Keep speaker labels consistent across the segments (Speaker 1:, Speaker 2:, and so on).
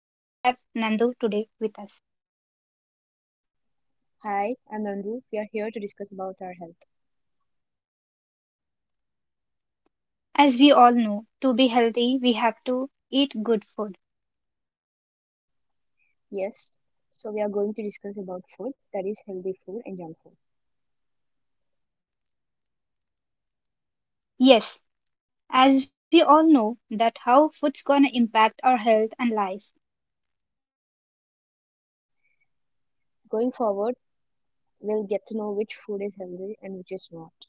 Speaker 1: and we have Nandu today with us.
Speaker 2: Hi, I'm Nandu. We are here to discuss about our health.
Speaker 1: As we all know, to be healthy, we have to eat good food.
Speaker 2: Yes, so we are going to discuss about food, that is healthy food and junk food.
Speaker 1: Yes, as we all know that how food's gonna impact our health and life.
Speaker 2: Going forward, we'll get to know which food is healthy and which is not.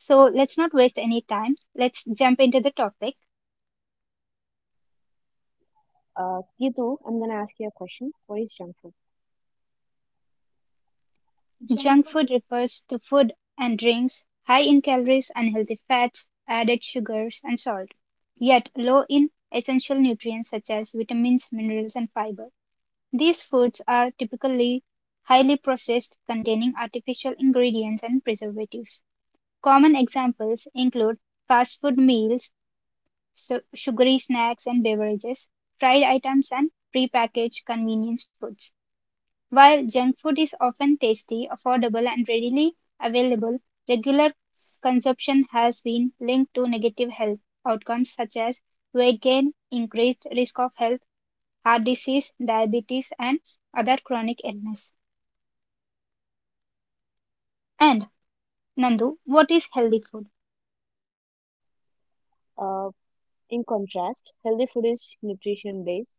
Speaker 1: So let's not waste any time. Let's jump into the topic.
Speaker 2: Gitu, I'm gonna ask you a question. What is junk food? Junk
Speaker 1: Junk food refers to food and drinks high in calories, unhealthy fats, added sugars, and salt, yet low in essential nutrients such as vitamins, minerals, and fiber. These foods are typically highly processed, containing artificial ingredients and preservatives. Common examples include fast food meals, sugary snacks and beverages, fried items, and prepackaged convenience foods. While junk food is often tasty, affordable, and readily available, regular consumption has been linked to negative health outcomes such as weight gain, increased risk of health heart disease, diabetes, and other chronic illness. And Nandu, what is healthy food?
Speaker 2: food. In contrast, healthy food is nutrition based,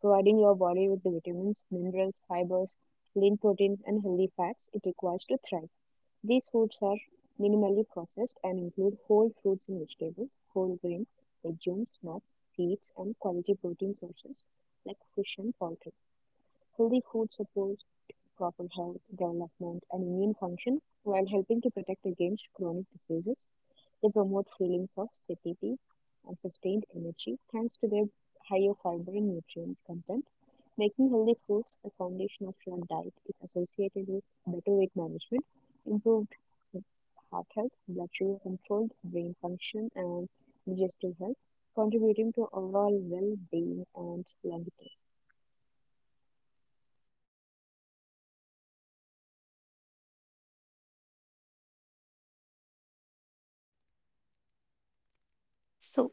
Speaker 2: providing your body with the vitamins, minerals, fibers, lean protein, and healthy fats it requires to thrive. These foods are minimally processed and include whole fruits and vegetables, whole grains, legumes, nuts, seeds, and quality protein sources like fish and poultry. Healthy food supports proper health, development, and immune function while helping to protect against chronic diseases. They promote feelings of satiety and sustained energy thanks to their higher fiber and nutrient content. Making healthy foods the foundation of your diet is associated with better weight management, improved heart health, blood sugar control, brain function, and digestive health, contributing to overall well being and longevity.
Speaker 1: So,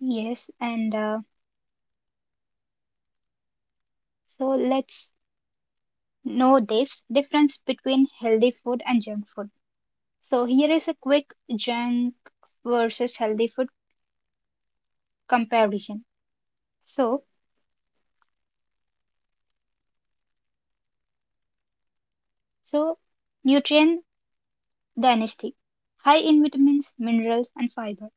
Speaker 1: yes, and so let's know this difference between healthy food and junk food. So, here is a quick junk versus healthy food comparison. So, so, nutrient density, high in vitamins, minerals, and fiber,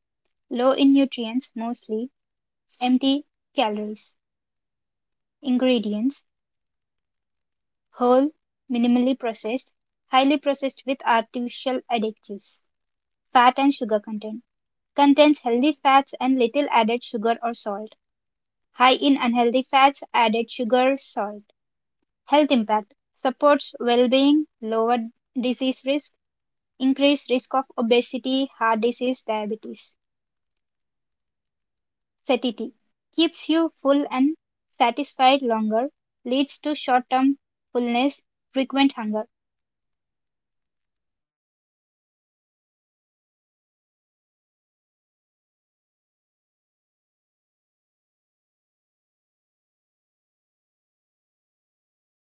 Speaker 1: low in nutrients, mostly empty calories. Ingredients whole, minimally processed, highly processed with artificial additives. Fat and sugar content. Contains healthy fats and little added sugar or salt. High in unhealthy fats, added sugar, salt. Health impact. Supports well-being, lower disease risk, increased risk of obesity, heart disease, diabetes. Satiety. Keeps you full and satisfied longer, leads to short-term fullness, frequent hunger.
Speaker 2: And why is healthy food better than junk food? There are numerous reasons why healthy food is better choice compared to junk food.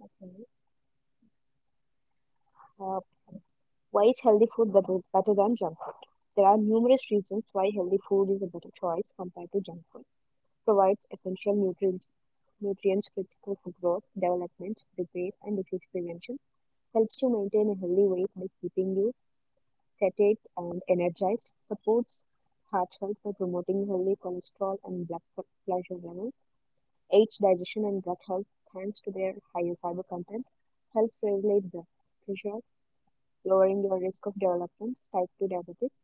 Speaker 2: Okay. Uh, why is healthy food better than junk food? There are numerous reasons why healthy food is a better choice compared to junk food. Provides essential nutrients critical for growth, development, repair, and disease prevention. Helps you maintain a healthy weight by keeping you sedate and energized, supports heart health by promoting healthy cholesterol and blood pressure levels, aids digestion and gut health thanks to their higher fiber content, helps regulate blood pressure, lowering your risk of development type 2 diabetes,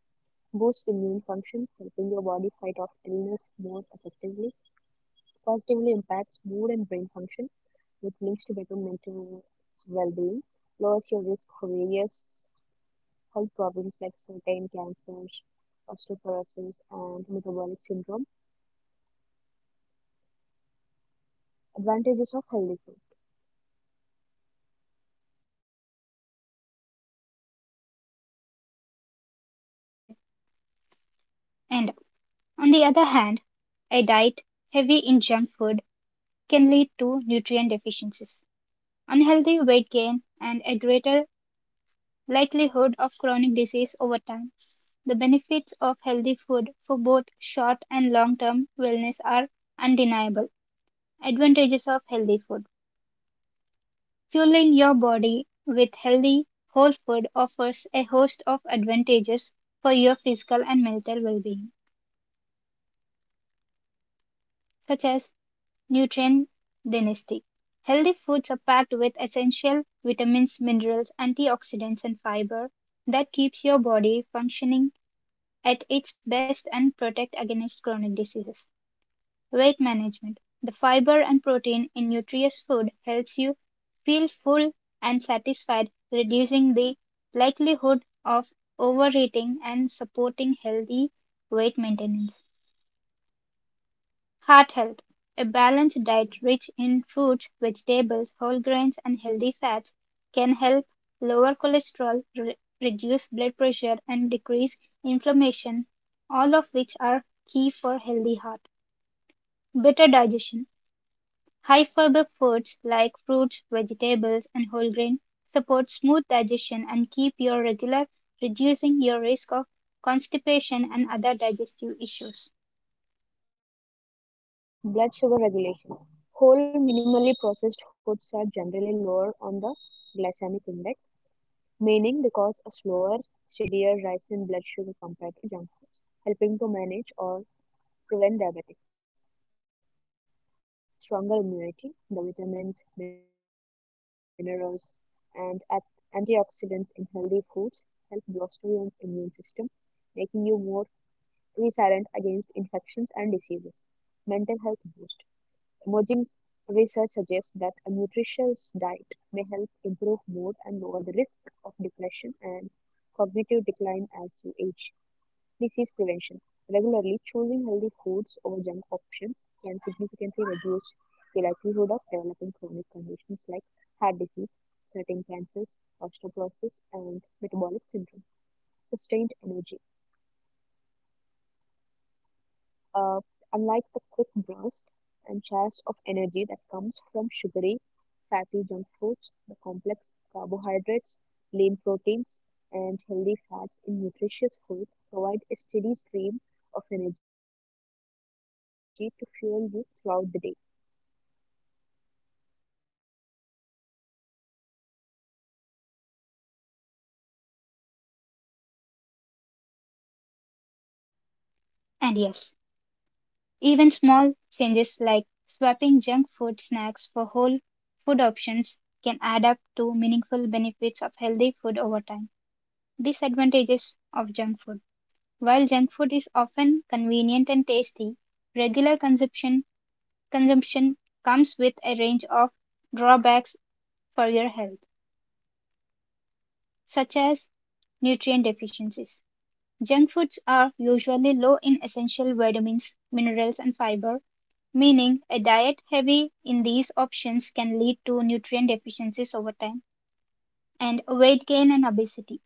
Speaker 2: boosts immune function, helping your body fight off illness more effectively, positively impacts mood and brain function, which links to better mental well-being, lowers your risk for various health problems like certain cancers, osteoporosis, and metabolic syndrome. Advantages of healthy food.
Speaker 1: Okay. End. On the other hand, a diet heavy in junk food can lead to nutrient deficiencies, unhealthy weight gain, and a greater likelihood of chronic disease over time. The benefits of healthy food for both short and long term wellness are undeniable. Advantages of healthy food. Fueling your body with healthy whole food offers a host of advantages for your physical and mental well being, such as nutrient density. Healthy foods are packed with essential vitamins, minerals, antioxidants, and fiber that keeps your body functioning at its best and protect against chronic diseases. Weight management. The fiber and protein in nutritious food helps you feel full and satisfied, reducing the likelihood of overeating and supporting healthy weight maintenance. Heart health: a balanced diet rich in fruits, vegetables, whole grains, and healthy fats can help lower cholesterol, reduce blood pressure, and decrease inflammation, all of which are key for healthy heart. Better digestion. High fiber foods like fruits, vegetables, and whole grain support smooth digestion and keep your regular, reducing your risk of constipation and other digestive issues.
Speaker 2: Blood sugar regulation. Whole minimally processed foods are generally lower on the glycemic index, meaning they cause a slower, steadier rise in blood sugar compared to junk foods, helping to manage or prevent diabetics. Stronger immunity. The vitamins, minerals, and antioxidants in healthy foods help bolster your immune system, making you more resilient against infections and diseases. Mental health boost. Emerging research suggests that a nutritious diet may help improve mood and lower the risk of depression and cognitive decline as you age. Disease prevention. Regularly choosing healthy foods over junk options can significantly reduce the likelihood of developing chronic conditions like heart disease, certain cancers, osteoporosis, and metabolic syndrome. Sustained energy uh, unlike the quick burst and chase of energy that comes from sugary, fatty junk foods, the complex carbohydrates, lean proteins, and healthy fats in nutritious food provide a steady stream of energy to fuel you throughout the day.
Speaker 1: And yes, even small changes like swapping junk food snacks for whole food options can add up to meaningful benefits of healthy food over time. Disadvantages of junk food. While junk food is often convenient and tasty, regular consumption comes with a range of drawbacks for your health, such as nutrient deficiencies. Junk foods are usually low in essential vitamins, minerals, and fiber, meaning a diet heavy in these options can lead to nutrient deficiencies over time and weight gain and obesity.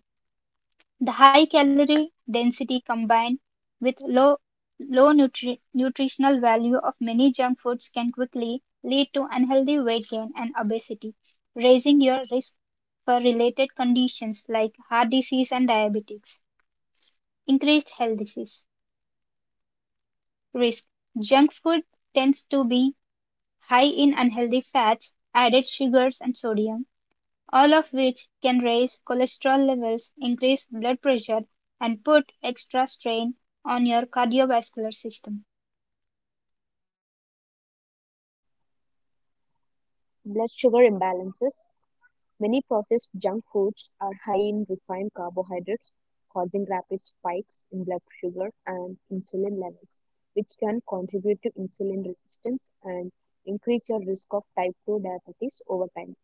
Speaker 1: The high calorie density combined with low nutritional value of many junk foods can quickly lead to unhealthy weight gain and obesity, raising your risk for related conditions like heart disease and diabetes, increased health disease. Risk: junk food tends to be high in unhealthy fats, added sugars and sodium, all of which can raise cholesterol levels, increase blood pressure, and put extra strain on your cardiovascular system.
Speaker 2: Blood sugar imbalances. Many processed junk foods are high in refined carbohydrates, causing rapid spikes in blood sugar and insulin levels, which can contribute to insulin resistance and increase your risk of type 2 diabetes over time,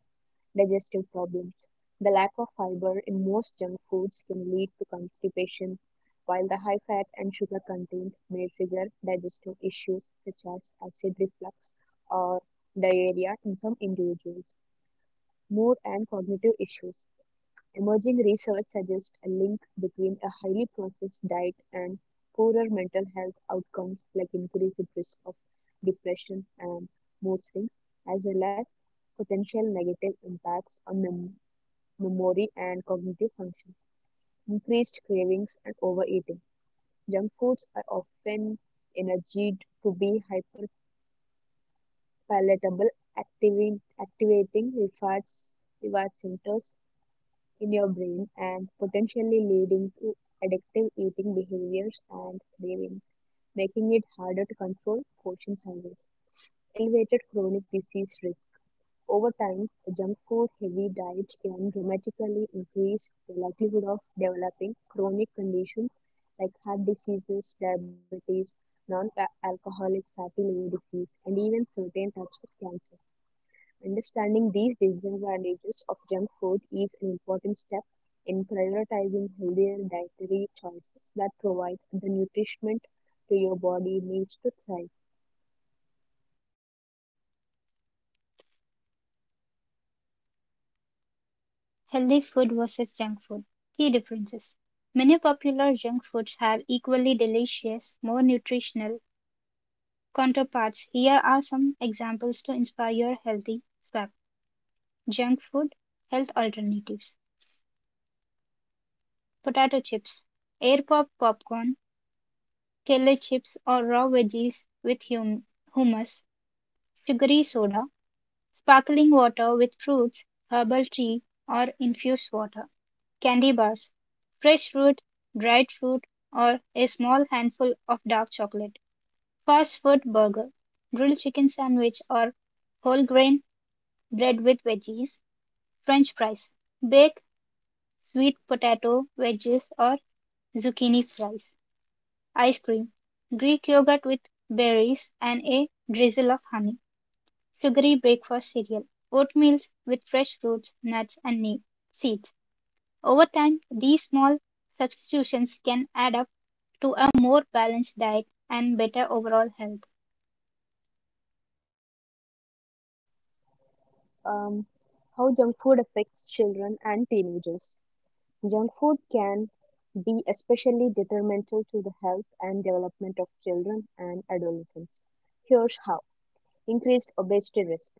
Speaker 2: digestive problems. The lack of fiber in most junk foods can lead to constipation, while the high fat and sugar content may trigger digestive issues such as acid reflux or diarrhea in some individuals mood, and cognitive issues. Emerging research suggests a link between a highly processed diet and poorer mental health outcomes, like increased risk of depression and mood swings, as well as potential negative impacts on memory and cognitive function, increased cravings, and overeating. Junk foods are often energized to be hyperpalatable, activating reward centers in your brain and potentially leading to addictive eating behaviors and cravings, making it harder to control portion sizes. Elevated chronic disease risk. Over time, a junk food heavy diet can dramatically increase the likelihood of developing chronic conditions like heart diseases, diabetes, non alcoholic fatty liver disease, and even certain types of cancer. Understanding these disadvantages of junk food is an important step in prioritizing healthier dietary choices that provide the nutrition to your body needs to thrive.
Speaker 1: Healthy food versus junk food. Key differences. Many popular junk foods have equally delicious, more nutritional counterparts. Here are some examples to inspire your healthy swap. Junk food, health alternatives. Potato chips, air pop popcorn, kale chips or raw veggies with hummus, sugary soda, sparkling water with fruits, herbal tea or infused water. Candy bars, fresh fruit, dried fruit or a small handful of dark chocolate. Fast food burger, grilled chicken sandwich or whole grain bread with veggies, french fries, baked sweet potato wedges or zucchini fries. Ice cream, Greek yogurt with berries and a drizzle of honey, sugary breakfast cereal, oatmeal with fresh fruits, nuts, and seeds. Over time, these small substitutions can add up to a more balanced diet and better overall health.
Speaker 2: Um, how junk food affects children and teenagers. Junk food can be especially detrimental to the health and development of children and adolescents. Here's how. Increased obesity risk.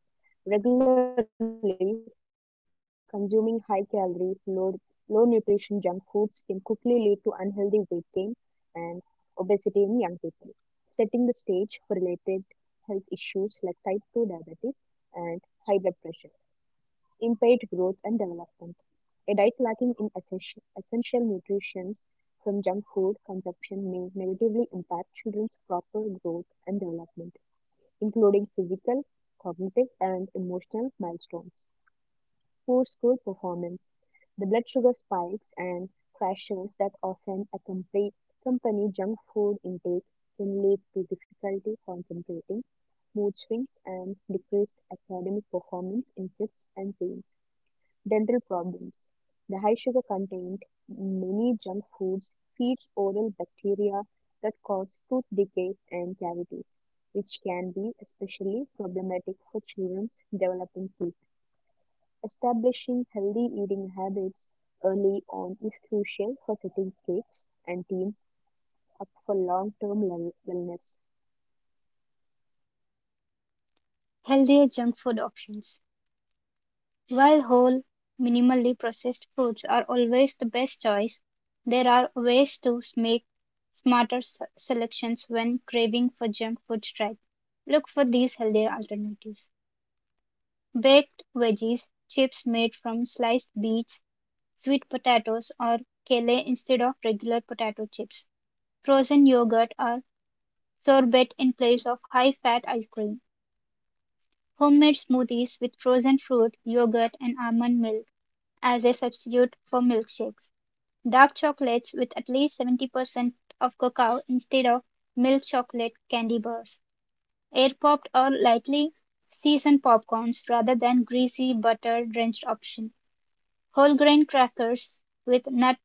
Speaker 2: Regularly consuming high calorie, low nutrition junk foods can quickly lead to unhealthy weight gain and obesity in young people, setting the stage for related health issues like type 2 diabetes and high blood pressure, impaired growth and development. A diet lacking in essential nutrients from junk food consumption may negatively impact children's proper growth and development including physical, cognitive, and emotional milestones. Poor school performance, the blood sugar spikes and crashes that often accompany junk food intake can lead to difficulty concentrating, mood swings, and decreased academic performance in kids and teens. Dental problems. The high sugar content in many junk foods feeds oral bacteria that cause tooth decay and cavities, which can be especially problematic for children's developing teeth. Establishing healthy eating habits early on is crucial for setting kids and teens up for long term wellness.
Speaker 1: Healthier junk food options. While whole, minimally processed foods are always the best choice, there are ways to make smarter selections when craving for junk food strike. Look for these healthier alternatives. Baked veggies, chips made from sliced beets, sweet potatoes or kale instead of regular potato chips. Frozen yogurt or sorbet in place of high fat ice cream. Homemade smoothies with frozen fruit, yogurt, and almond milk as a substitute for milkshakes. Dark chocolates with at least 70% of cocoa instead of milk chocolate candy bars. Air popped or lightly seasoned popcorns rather than greasy butter drenched option. Whole grain crackers with nut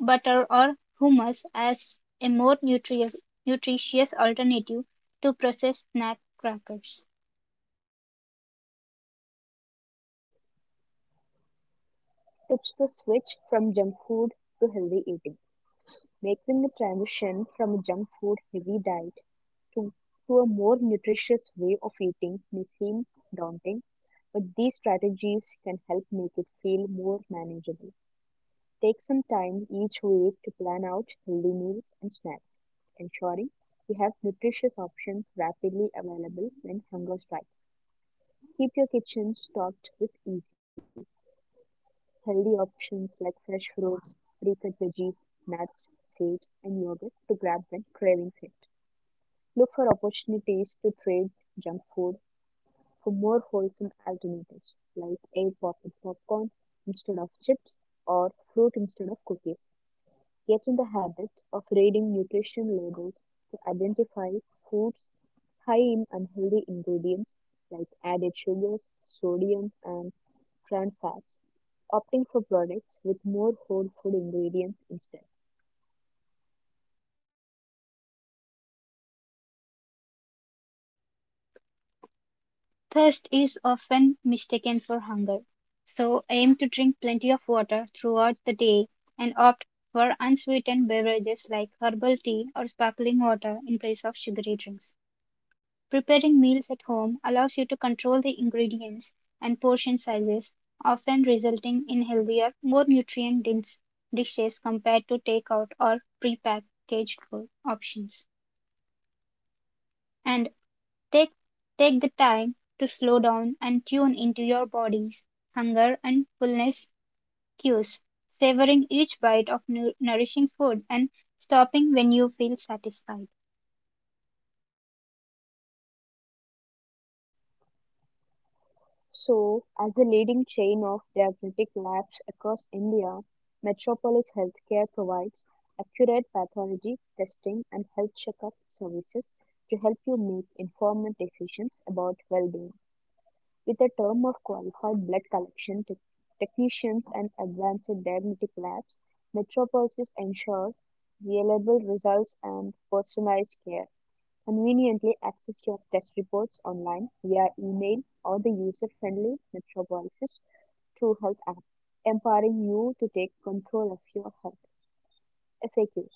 Speaker 1: butter or hummus as a more nutritious alternative to processed snack crackers.
Speaker 2: Tips to switch from junk food to healthy eating. Making the transition from a junk food heavy diet to, to a more nutritious way of eating may seem daunting, but these strategies can help make it feel more manageable. Take some time each week to plan out healthy meals and snacks, ensuring you have nutritious options rapidly available when hunger strikes. Keep your kitchen stocked with easy, healthy options like fresh fruits, pre-cut veggies, nuts, seeds, and yogurt to grab when cravings hit. Look for opportunities to trade junk food for more wholesome alternatives like air pocket popcorn instead of chips or fruit instead of cookies. Get in the habit of reading nutrition labels to identify foods high in unhealthy ingredients like added sugars, sodium, and trend fads, opting for products with more whole food ingredients instead.
Speaker 1: Thirst is often mistaken for hunger, so aim to drink plenty of water throughout the day and opt for unsweetened beverages like herbal tea or sparkling water in place of sugary drinks. Preparing meals at home allows you to control the ingredients and portion sizes, often resulting in healthier, more nutrient dense dishes compared to takeout or prepackaged food options. And Take take the time to slow down and tune into your body's hunger and fullness cues, savoring each bite of nourishing food and stopping when you feel satisfied.
Speaker 2: So, as a leading chain of diagnostic labs across India, Metropolis Healthcare provides accurate pathology testing and health checkup services to help you make informed decisions about well-being. With a term of qualified blood collection technicians and advanced diagnostic labs, Metropolis ensures reliable results and personalized care. Conveniently access your test reports online via email or the user-friendly Metro True Health app, empowering you to take control of your health. FAQs.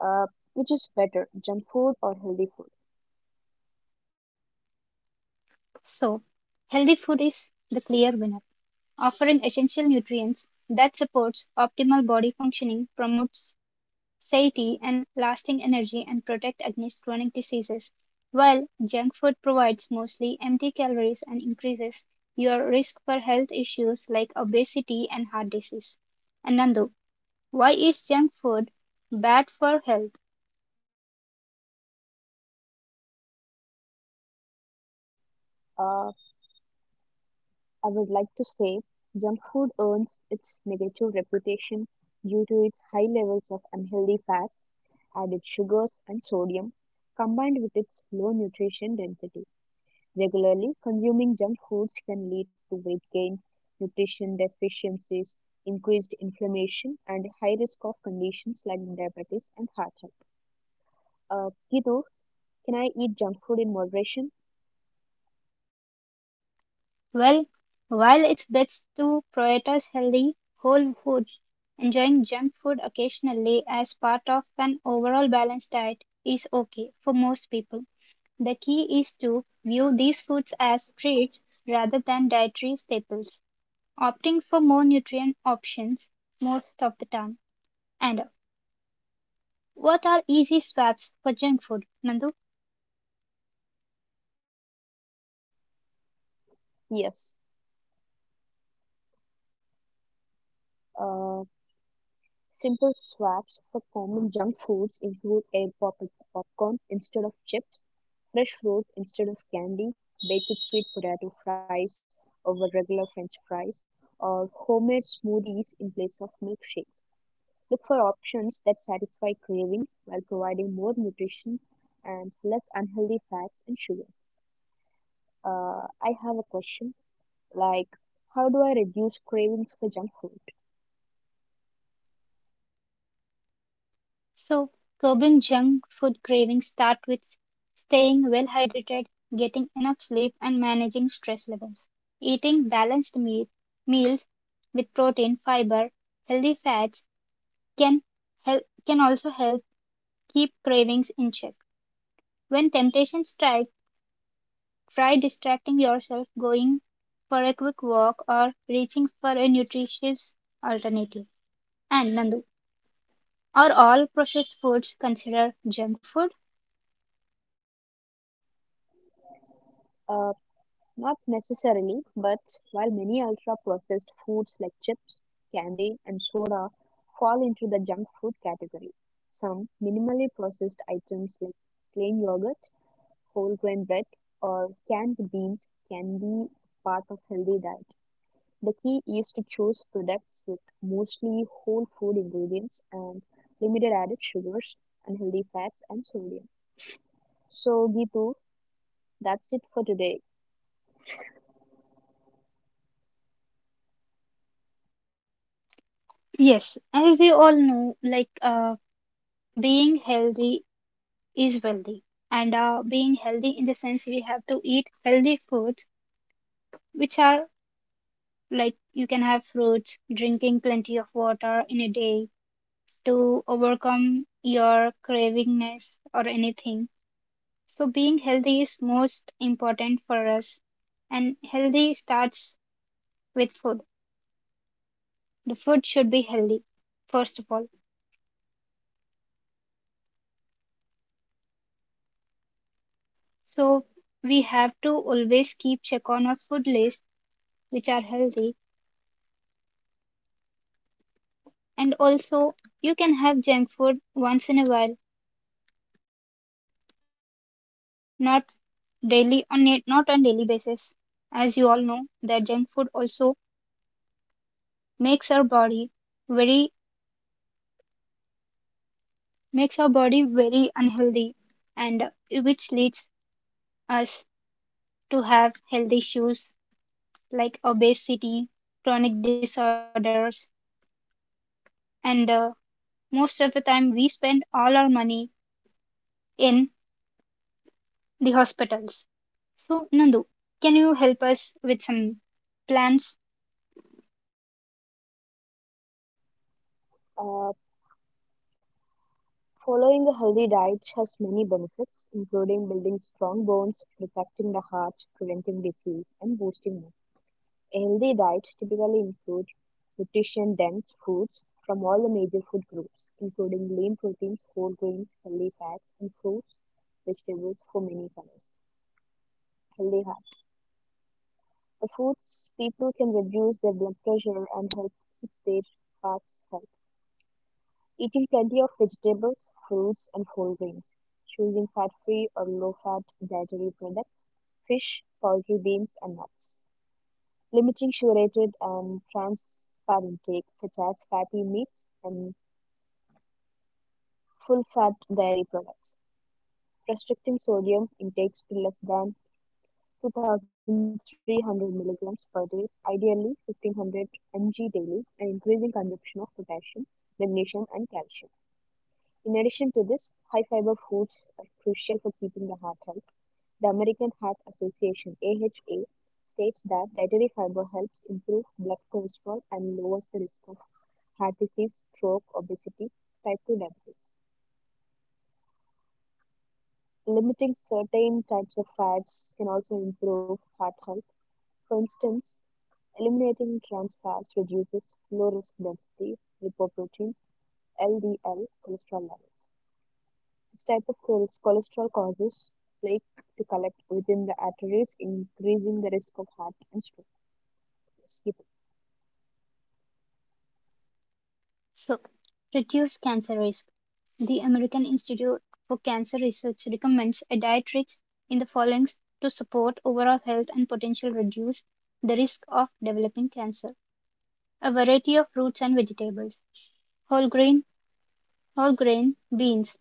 Speaker 2: Uh, which is better, junk food or healthy food?
Speaker 1: So, healthy food is the clear winner, offering essential nutrients that supports optimal body functioning, promotes satiety and lasting energy and protect against chronic diseases, while junk food provides mostly empty calories and increases your risk for health issues like obesity and heart disease. And Nandu, why is junk food bad for health?
Speaker 2: Uh, I would like to say junk food earns its negative reputation due to its high levels of unhealthy fats, added sugars, and sodium, combined with its low nutrition density. Regularly, consuming junk foods can lead to weight gain, nutrition deficiencies, increased inflammation, and high risk of conditions like diabetes and heart health. Kitu, can I eat junk food in moderation?
Speaker 1: Well, while it's best to prioritize healthy whole foods, enjoying junk food occasionally as part of an overall balanced diet is okay for most people. The key is to view these foods as treats rather than dietary staples, opting for more nutrient options most of the time. And what are easy swaps for junk food, Nandu?
Speaker 2: Yes. Uh, Simple swaps for common junk foods include popcorn instead of chips, fresh fruit instead of candy, baked sweet potato fries over regular french fries, or homemade smoothies in place of milkshakes. Look for options that satisfy cravings while providing more nutrition and less unhealthy fats and sugars. I have a question like, how do I reduce cravings for junk food?
Speaker 1: So, curbing junk food cravings start with staying well hydrated, getting enough sleep, and managing stress levels. Eating balanced meals with protein, fiber, healthy fats can help, can also help keep cravings in check. When temptations strike, try distracting yourself, going for a quick walk, or reaching for a nutritious alternative. And Nandu, are all processed foods considered junk food?
Speaker 2: Uh, Not necessarily, but while many ultra processed foods like chips, candy, and soda fall into the junk food category, some minimally processed items like plain yogurt, whole grain bread, or canned beans can be part of healthy diet. The key is to choose products with mostly whole food ingredients and limited added sugars, unhealthy fats, and sodium. So, Gitu, that's it for today.
Speaker 1: Yes, as we all know, like being healthy is wealthy, and being healthy in the sense we have to eat healthy foods, which are like you can have fruits, drinking plenty of water in a day to overcome your cravingness or anything. So being healthy is most important for us, and healthy starts with food. The food should be healthy, first of all. So we have to always keep check on our food list which are healthy. And also, you can have junk food once in a while, not not on daily basis. As you all know, that junk food also makes our body very makes our body very unhealthy, and which leads us to have health issues like obesity, chronic disorders, and most of the time we spend all our money in the hospitals. So, Nandu, can you help us with some plans
Speaker 2: Uh, Following a healthy diet has many benefits, including building strong bones, protecting the heart, preventing disease, and boosting mood. A healthy diet typically includes nutrition dense foods from all the major food groups, including lean proteins, whole grains, healthy fats, and fruits, vegetables for many colors. Healthy heart. The foods people can reduce their blood pressure and help keep their hearts healthy. Eating plenty of vegetables, fruits, and whole grains. Choosing fat free or low fat dietary products. Fish, poultry, beans, and nuts. Limiting saturated and trans fat intake, such as fatty meats and full fat dairy products. Restricting sodium intakes to less than 2,300 milligrams per day, ideally 1,500 mg daily, and increasing consumption of potassium, magnesium, and calcium. In addition to this, high fiber foods are crucial for keeping the heart healthy. The American Heart Association AHA states that dietary fiber helps improve blood cholesterol and lowers the risk of heart disease, stroke, obesity, type 2 diabetes. Limiting certain types of fats can also improve heart health. For instance, eliminating trans fats reduces low-risk density lipoprotein LDL cholesterol levels. This type of cholesterol causes plaque to collect within the arteries, increasing the risk of heart and stroke. Yes.
Speaker 1: to reduce cancer risk? The American Institute for Cancer Research recommends a diet rich in the following to support overall health and potentially reduce the risk of developing cancer. A variety of fruits and vegetables, whole grain, whole grain, beans.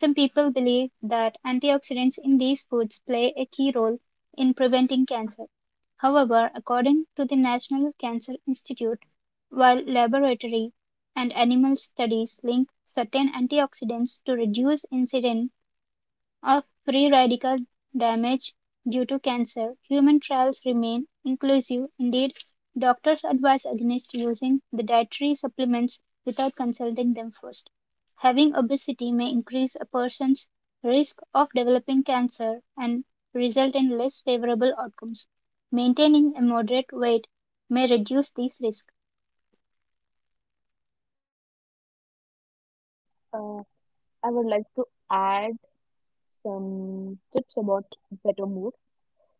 Speaker 1: Some people believe that antioxidants in these foods play a key role in preventing cancer. However, according to the National Cancer Institute, while laboratory and animal studies link certain antioxidants to reduce incidence of free radical damage due to cancer. Human trials remain inclusive. Indeed, doctors advise against using the dietary supplements without consulting them first. Having obesity may increase a person's risk of developing cancer and result in less favorable outcomes. Maintaining a moderate weight may reduce these risks.
Speaker 2: Uh, I would like to add some tips about better mood.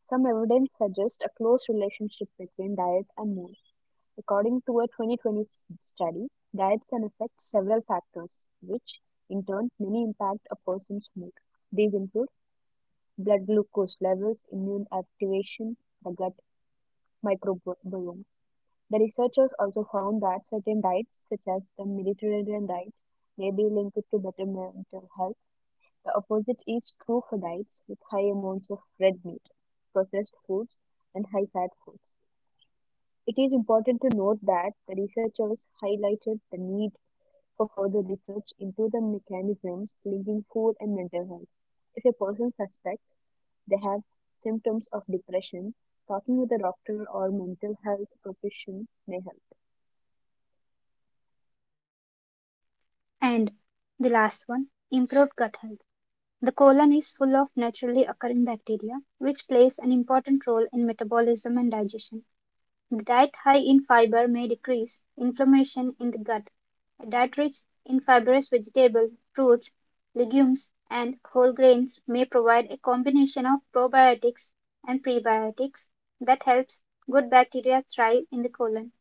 Speaker 2: Some evidence suggests a close relationship between diet and mood. According to a 2020 study, diet can affect several factors, which in turn may impact a person's mood. These include blood glucose levels, immune activation, the gut microbiome. The researchers also found that certain diets, such as the Mediterranean diet, may be linked to better mental health. The opposite is true for diets with high amounts of red meat, processed foods, and high fat foods. It is important to note that the researchers highlighted the need for further research into the mechanisms linking food and mental health. If a person suspects they have symptoms of depression, talking with a doctor or mental health profession may help.
Speaker 1: And the last one, improved gut health. The colon is full of naturally occurring bacteria, which plays an important role in metabolism and digestion. A diet high in fiber may decrease inflammation in the gut. A diet rich in fibrous vegetables, fruits, legumes, and whole grains may provide a combination of probiotics and prebiotics that helps good bacteria thrive in the colon.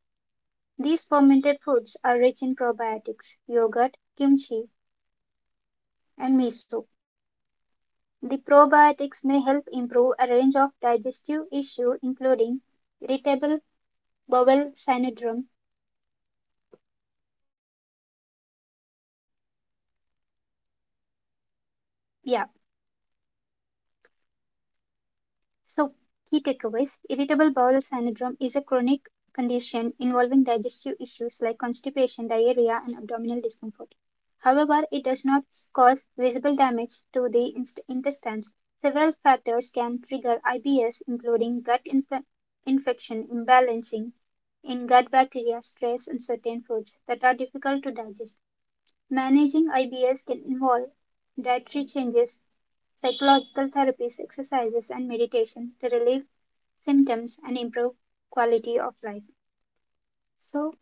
Speaker 1: These fermented foods are rich in probiotics. Yogurt, kimchi, and miso. The probiotics may help improve a range of digestive issues including irritable bowel syndrome. Yeah. So, key takeaways irritable bowel syndrome is a chronic condition involving digestive issues like constipation, diarrhea, and abdominal discomfort. However, it does not cause visible damage to the intestines. Several factors can trigger IBS, including gut infection, imbalancing in gut bacteria, stress, and certain foods that are difficult to digest. Managing IBS can involve dietary changes, psychological therapies, exercises, and meditation to relieve symptoms and improve quality of life. So,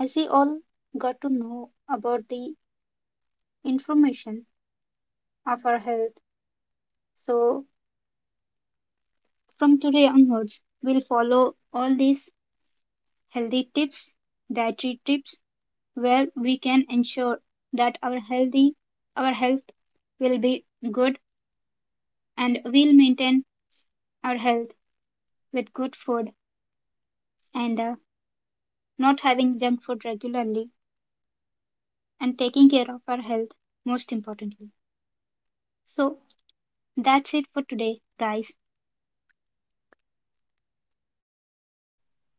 Speaker 1: as we all got to know about the information of our health, so from today onwards, we'll follow all these healthy tips, dietary tips, where we can ensure that our healthy, our health will be good and we'll maintain our health with good food and not having junk food regularly and taking care of our health most importantly. So that's it for today, guys.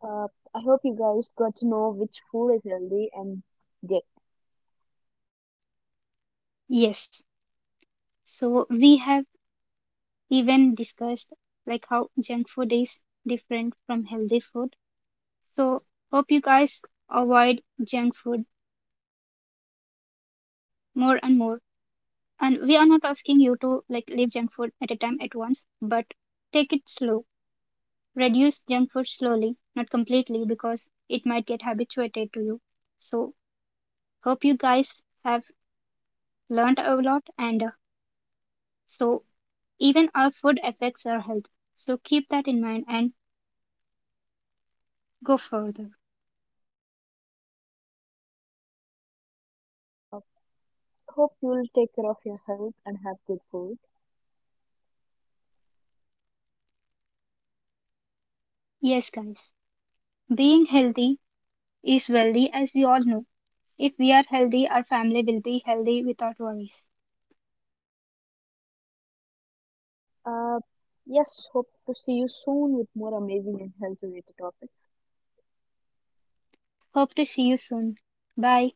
Speaker 2: Uh, I hope you guys got to know which food is healthy and get.
Speaker 1: Yes. So we have even discussed like how junk food is different from healthy food. So hope you guys avoid junk food more and more. And we are not asking you to like leave junk food at a time at once, but take it slow. Reduce junk food slowly, not completely because it might get habituated to you. So hope you guys have learned a lot and so even our food affects our health, so keep that in mind and go further.
Speaker 2: Uh, Hope you'll take care of your health and have good food.
Speaker 1: Yes guys, being healthy is wealthy, as we all know, if we are healthy our family will be healthy without worries.
Speaker 2: Uh, yes, hope to see you soon with more amazing and health related topics.
Speaker 1: Hope to see you soon. Bye.